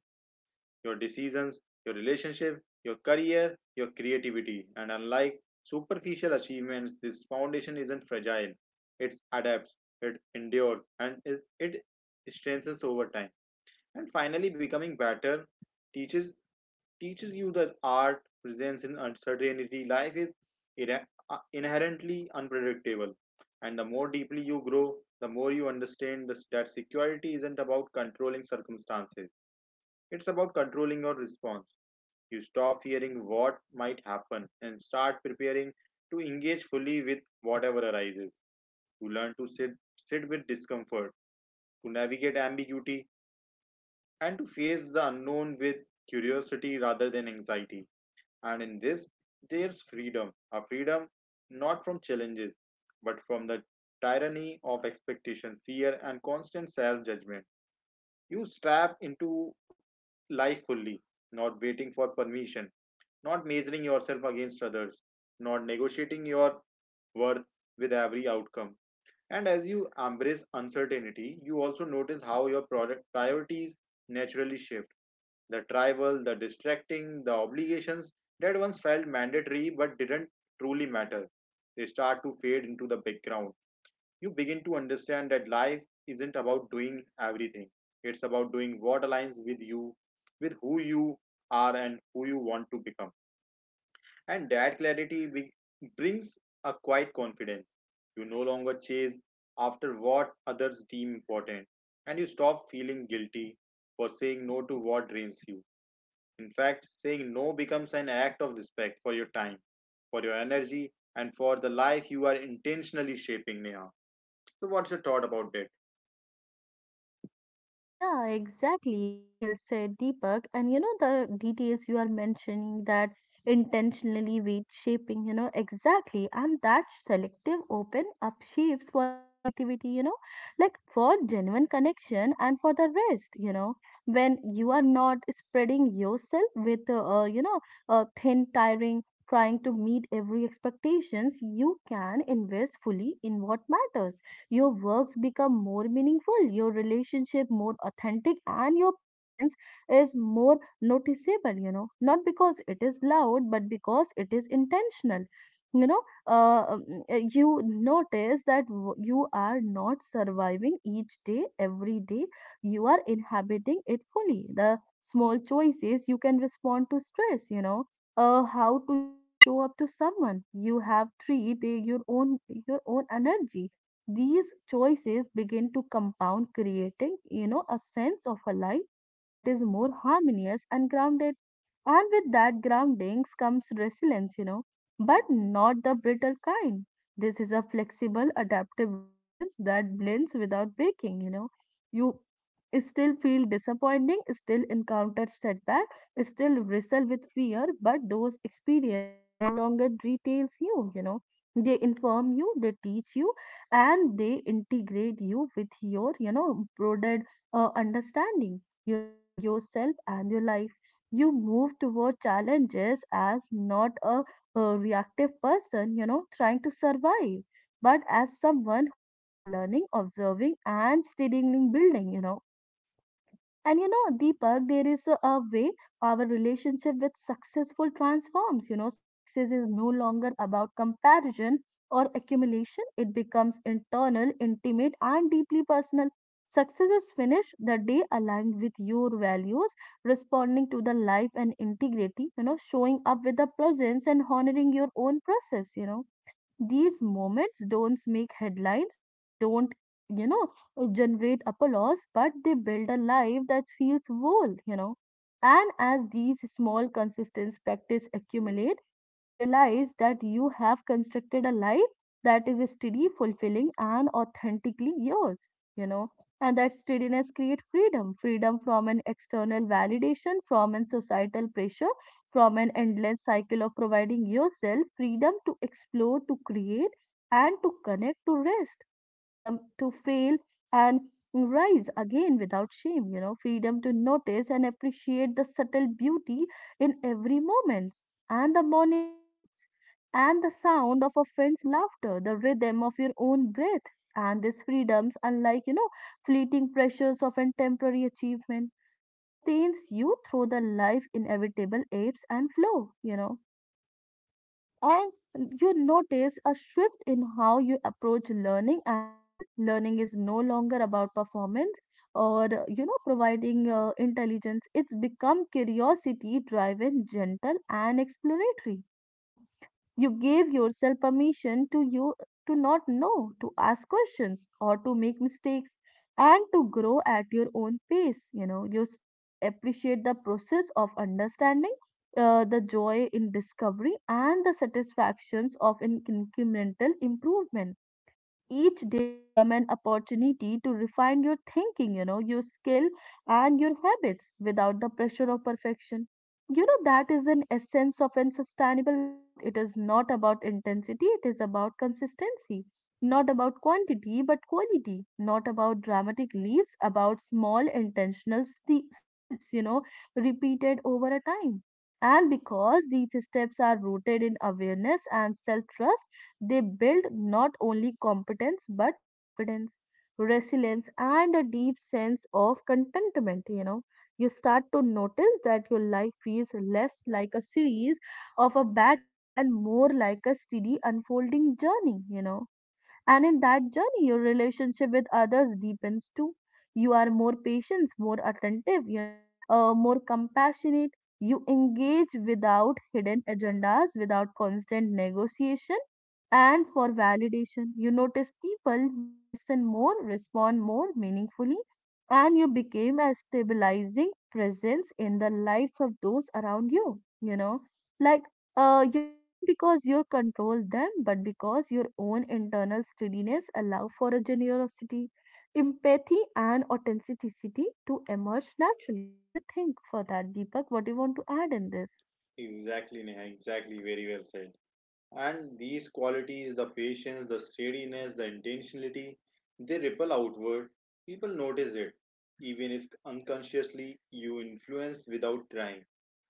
your decisions, your relationship, your career, your creativity. And unlike superficial achievements, this foundation isn't fragile, it adapts, it endures, and it strengthens over time. And finally, becoming better teaches teaches you that art presents in uncertainty. Life is inherently unpredictable, and the more deeply you grow, the more you understand this, that security isn't about controlling circumstances. It's about controlling your response. You stop fearing what might happen and start preparing to engage fully with whatever arises. You learn to sit with discomfort, to navigate ambiguity, and to face the unknown with curiosity rather than anxiety. And in this, there's freedom, a freedom not from challenges, but from the tyranny of expectation, fear, and constant self judgment. You strap into life fully, not waiting for permission, not measuring yourself against others, not negotiating your worth with every outcome. And as you embrace uncertainty, you also notice how your product priorities naturally shift the tribal, the distracting, the obligations that once felt mandatory but didn't truly matter. They start to fade into the background. You begin to understand that life isn't about doing everything, it's about doing what aligns with you, with who you are, and who you want to become. And that clarity brings a quiet confidence. You no longer chase after what others deem important, and you stop feeling guilty for saying no to what drains you. In fact, saying no becomes an act of respect for your time, for your energy, and for the life you are intentionally shaping, Neha. So, what's your thought about that?
Yeah, exactly. Very well said, Deepak. And you know, the details you are mentioning that intentionally weight shaping, you know, exactly. And that selective open up shapes foreign creativity, you know, like for genuine connection and for the rest, you know, when you are not spreading yourself with, you know, thin, tiring, trying to meet every expectations, you can invest fully in what matters. Your works become more meaningful, your relationship more authentic, and your presence is more noticeable, you know, not because it is loud, but because it is intentional. You know, uh, um, you notice that you are not surviving each day, every day, you are inhabiting it fully. The small choices you can respond to stress, you know. How do you show up to someone? You have treat your own energy. These choices begin to compound, creating, you know, a sense of a life that is more harmonious and grounded. And with that groundings comes resilience, you know, but not the brittle kind. This is a flexible, adaptive resilience that blends without breaking, you know. You still feel disappointing, still encounter setback, still wrestle with fear, but those experience no longer details you, you know. They inform you, they teach you, and they integrate you with your you know broader understanding, you know, to yourself and your life. You move toward challenges as not a reactive person, you know, trying to survive, but as someone who is learning, observing, and steadily building, you know. And you know, Deepak, there is a way our relationship with successful transforms. You know, success is no longer about comparison or accumulation, it becomes internal, intimate, and deeply personal. Success is finished the day aligned with your values, responding to the life and integrity, you know, showing up with the presence and honoring your own process, you know. These moments don't make headlines, they don't, you know, generate applause, but they build a life that feels whole, you know. And as these small, consistent practice accumulate, you realize that you have constructed a life that is steady, fulfilling, and authentically yours, you know. And that steadiness creates freedom, freedom from an external validation, from an societal pressure, from an endless cycle of providing yourself, freedom to explore, to create, and to connect, to rest, freedom to fail and rise again without shame, you know, freedom to notice and appreciate the subtle beauty in every moment, and the morning lights, and the sound of a friend's laughter, the rhythm of your own breath. And these freedoms, unlike, you know, fleeting pressures of a temporary achievement, sustains you through the life inevitable ebbs and flow, you know. And you notice a shift in how you approach learning as well. Learning is no longer about performance or you know, providing intelligence. It's become curiosity driven, gentle and exploratory, you know. You gave yourself permission to you to not know, to ask questions or to make mistakes, and to grow at your own pace. You know, you start to appreciate the process of understanding, the joy in discovery and the satisfactions of incremental improvement. Each day become an opportunity to refine your thinking, you know, your skill and your habits without the pressure of perfection. You know that is an essence of an sustainable growth. It is not about intensity, it is about consistency, not about quantity but quality, not about dramatic leaps, about small intentional steps, you know, repeated over a time. And because these steps are rooted in awareness and self trust, they build not only competence but confidence, resilience, and a deep sense of contentment. You know, you start to notice that your life feels less like a series of a battle and more like a steady unfolding journey. You know, and in that journey, your relationship with others deepens too. You are more patient, more attentive, you know, more compassionate. You engage without hidden agendas, without constant negotiation, and for validation. You notice people more, listen more, respond more meaningfully, and you became a stabilizing presence in the lives of those around you, you know. Like you're not because you control them, but because your own internal steadiness allow for a generosity, empathy, and authenticity to emerge naturally. What do you think for that, Deepak? What do you want to add in this?
Exactly, Neha. Exactly. Very well said. And these qualities, the patience, the steadiness, the intentionality, they ripple outward. People notice it. Even if unconsciously, you influence without trying,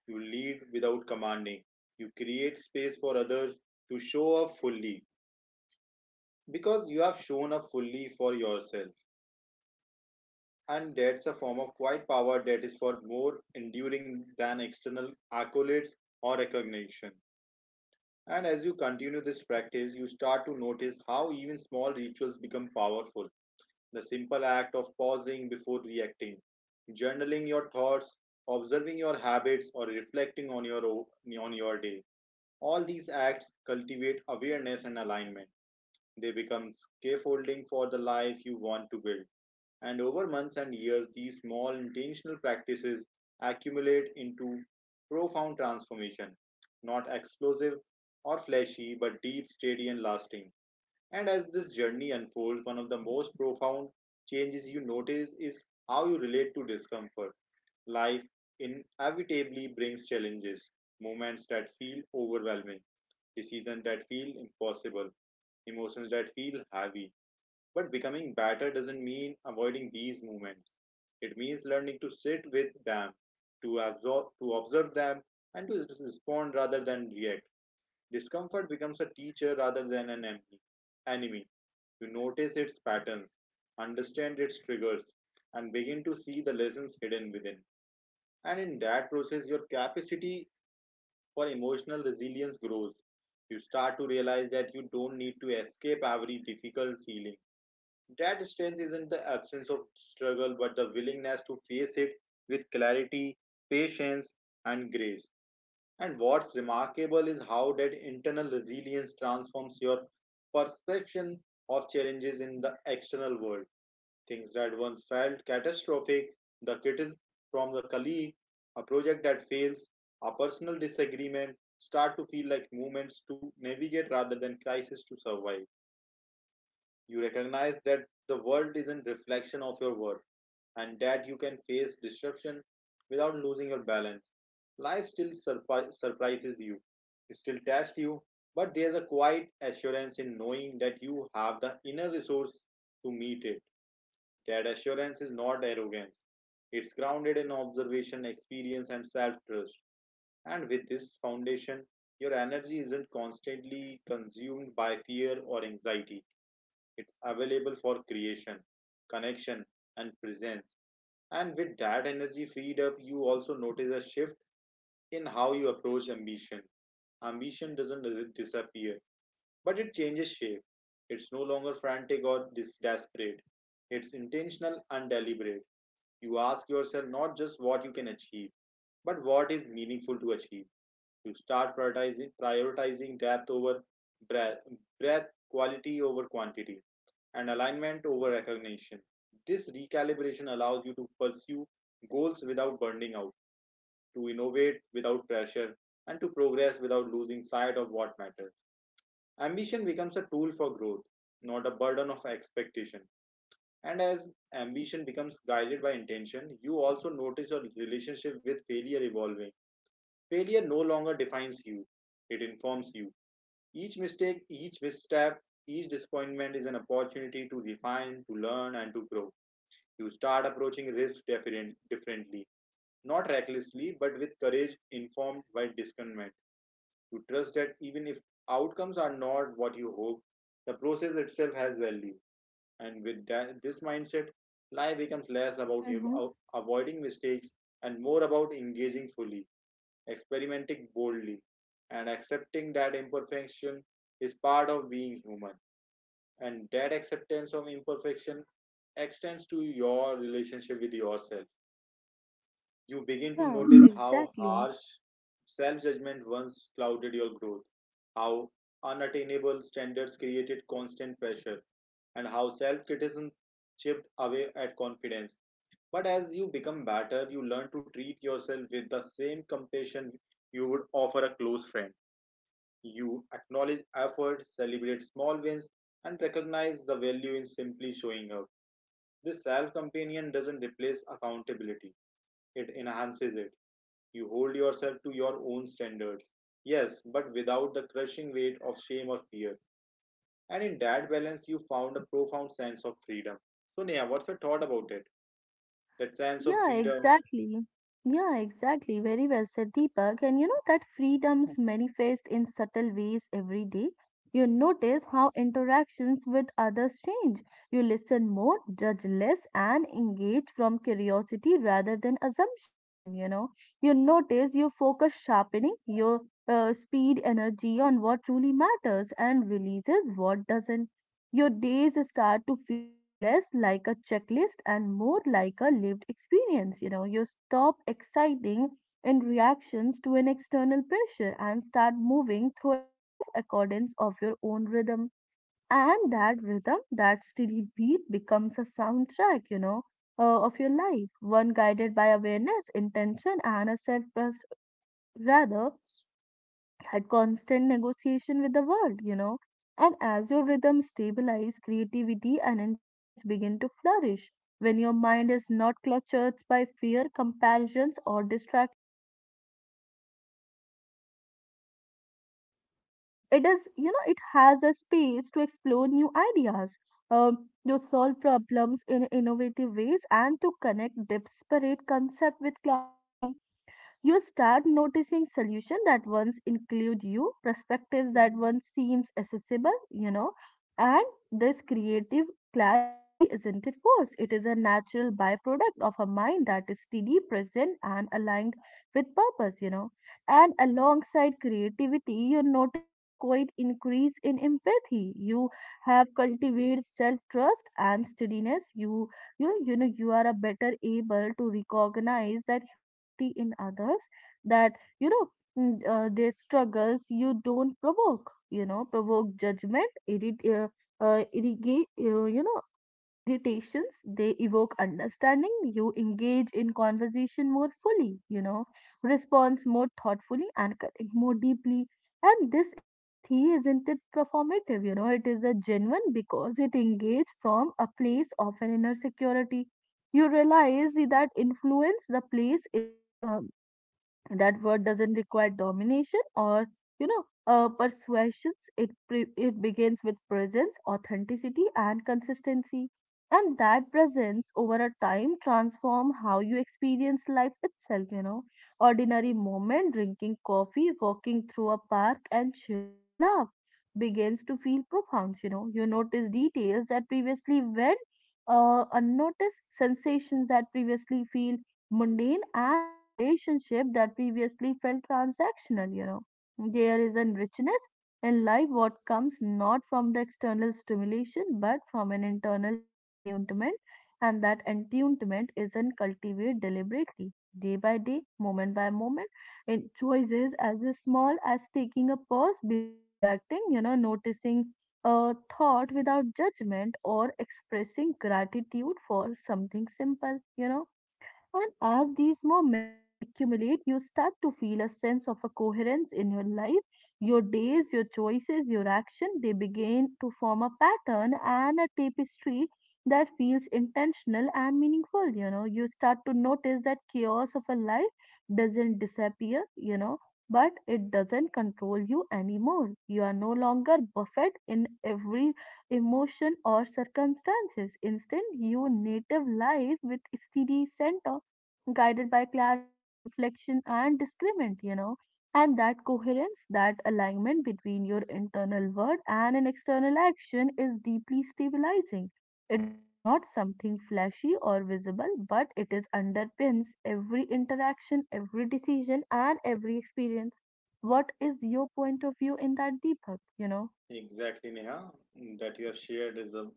you lead without commanding, you create space for others to show up fully because you have shown up fully for yourself, and that's a form of quiet power that is for more enduring than external accolades or recognition. And as you continue this practice, you start to notice how even small rituals become powerful: the simple act of pausing before reacting, journaling your thoughts, observing your habits, or reflecting on on your day. All these acts cultivate awareness and alignment. They become scaffolding for the life you want to build. And over months and years, these small intentional practices accumulate into profound transformation, not explosive or flashy, but deep, steady, and lasting. And as this journey unfolds, one of the most profound changes you notice is how you relate to discomfort. Life inevitably brings challenges, moments that feel overwhelming, decisions that feel impossible, emotions that feel heavy. But becoming better doesn't mean avoiding these moments. It means learning to sit with them, to absorb, to observe them, and to respond rather than react. Discomfort becomes a teacher rather than an enemy. Enemy. You notice its patterns, understand its triggers, and begin to see the lessons hidden within. And in that process, your capacity for emotional resilience grows. You start to realize that you don't need to escape every difficult feeling, that strength isn't the absence of struggle, but the willingness to face it with clarity, patience, and grace. And what's remarkable is how that internal resilience transforms your perception of challenges in the external world. Things that once felt catastrophic, the criticism from the colleague, a project that fails, a personal disagreement, start to feel like moments to navigate rather than crises to survive. You recognize that the world isn't reflection of your worth and that you can face disruption without losing your balance. Life still surprises you, it still tests you, but there's a quiet assurance in knowing that you have the inner resource to meet it. That assurance is not arrogance. It's grounded in observation, experience, and self trust. And with this foundation, your energy isn't constantly consumed by fear or anxiety. It's available for creation, connection, and presence. And with that energy freed up, you also notice a shift in how you approach ambition. Ambition doesn't disappear, but it changes shape. It's no longer frantic or desperate. It's intentional and deliberate. You ask yourself not just what you can achieve, but what is meaningful to achieve. You start prioritizing depth over breadth, breadth, quality over quantity, and alignment over recognition. This recalibration allows you to pursue goals without burning out, to innovate without pressure, and to progress without losing sight of what matters. Ambition becomes a tool for growth, not a burden of expectation. And as ambition becomes guided by intention, you also notice your relationship with failure evolving. Failure no longer defines you, it informs you. Each mistake, each misstep, each disappointment is an opportunity to refine, to learn, and to grow. You start approaching risk differently, not recklessly but with courage informed by discernment. You trust that even if outcomes are not what you hope, the process itself has value. And with that, this mindset, life becomes less about
Mm-hmm.
avoiding mistakes and more about engaging fully, experimenting boldly, and accepting that imperfection is part of being human. And that acceptance of imperfection extends to your relationship with yourself. You begin to
Yeah,
notice how
exactly.
harsh self judgment once clouded your growth, how unattainable standards created constant pressure, and how self criticism chipped away at confidence. But as you become better, you learn to treat yourself with the same compassion you would offer a close friend. You acknowledge effort, celebrate small wins, and recognize the value in simply showing up. This self companion doesn't replace accountability, it enhances it. You hold yourself to your own standards. Yes, but without the crushing weight of shame or fear. And in that balance, you found a profound sense of freedom. So, Neha, what's your thought about it? That sense of
Yeah,
freedom.
exactly. Yeah, exactly. Very well said, Deepak. And you know that freedoms manifest in subtle ways every day. You notice how interactions with others change. You listen more, judge less, and engage from curiosity rather than assumption. You know, you notice you focus sharpening, your speed energy on what truly matters, and releases what doesn't. Your days start to feel less like a checklist and more like a lived experience. You know, you stop exciting in reactions to an external pressure and start moving through life accordance of your own rhythm. And that rhythm, that steady beat becomes a soundtrack, you know, of your life, one guided by awareness, intention, and a self trust rather had constant negotiation with the world, you know. And as your rhythm stabilizes, creativity and insights begin to flourish. When your mind is not cluttered by fear, comparisons, or distraction, it is, you know, it has a space to explore new ideas, to solve problems in innovative ways, and to connect disparate concepts with clarity. You start noticing solutions that once include you, perspectives that once seems accessible, you know. And this creative clarity isn't it force, it is a natural byproduct of a mind that is steady, present, and aligned with purpose, you know. And alongside creativity, you notice a quite increase in empathy. You have cultivated self trust and steadiness. You know you are a better able to recognize that humanity in others, that you know their struggles you don't provoke, you know, provoke judgment, irrigate, you know, irritations, they evoke understanding. You engage in conversation more fully, you know, responds more thoughtfully and connect more deeply. And this empathy isn't it performative, you know, it is a genuine because it engaged from a place of an inner security. You realize that influence the place is that word doesn't require domination or you know persuasions. It it begins with presence, authenticity, and consistency. And that presence over a time transform how you experience life itself, you know. Ordinary moment, drinking coffee, walking through a park, and sharing a laugh begins to feel profound. You know, you notice details that previously went unnoticed, sensations that previously feel mundane, and a relationship that previously felt transactional, you know. There is a richness in life what comes not from the external stimulation but from an internal attunement, and that attunement isn't cultivated deliberately, day by day, moment by moment, in choices as small as taking a pause before reacting, you know, noticing a thought without judgment or expressing gratitude for something simple, you know. And as these moments accumulate, you start to feel a sense of a coherence in your life. Your days, your choices, your action, they begin to form a pattern and a tapestry that feels intentional and meaningful. You know, you start to notice that chaos of a life doesn't disappear, you know, but it doesn't control you anymore. You are no longer buffeted in every emotion or circumstances. Instead, you native life with steady center guided by clarity, reflection, and discernment, you know. And that coherence, that alignment between your internal word and an external action is deeply stabilizing. It is not something flashy or visible, but it is underpins every interaction, every decision, and every experience. What is your point of view in that, Deepak? You know?
Exactly, Neha, that you have shared is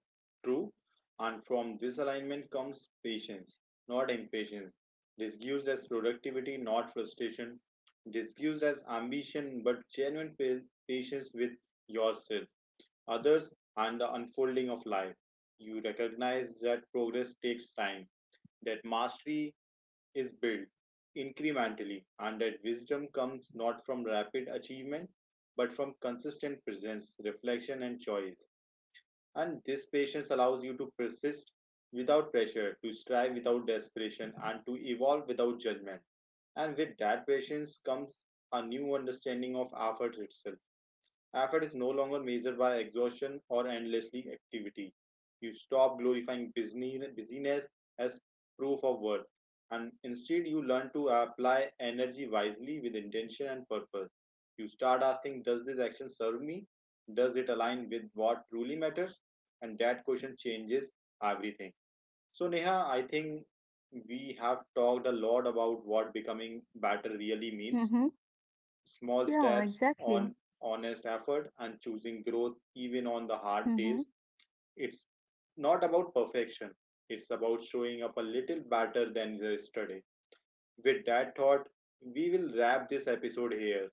true. And from this alignment comes patience, not impatience. This gives us productivity, not frustration. This gives us ambition, but genuine patience with yourself, others, and the unfolding of life. You recognize that progress takes time, that mastery is built incrementally, and that wisdom comes not from rapid achievement but from consistent presence, reflection, and choice. And this patience allows you to persist without pressure, to strive without desperation, and to evolve without judgment. And with that patience comes a new understanding of effort itself. Effort is no longer measured by exhaustion or endlessly activity. You stop glorifying busyness as proof of worth, and instead you learn to apply energy wisely with intention and purpose. You start asking, does this action serve me? Does it align with what truly matters? And that question changes everything. So, Neha, I think we have talked a lot about what becoming better really means:
Mm-hmm.
small
Yeah,
steps
exactly.
on honest effort and choosing growth even on the hard
Mm-hmm.
days. It's not about perfection, it's about showing up a little better than yesterday. With that thought, we will wrap this episode here.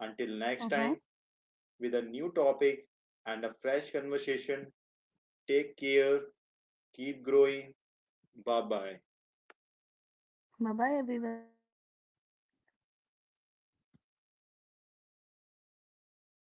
Until next
Mm-hmm.
time, with a new topic and a fresh conversation, take care, keep growing, bye bye.
Bye bye, everyone.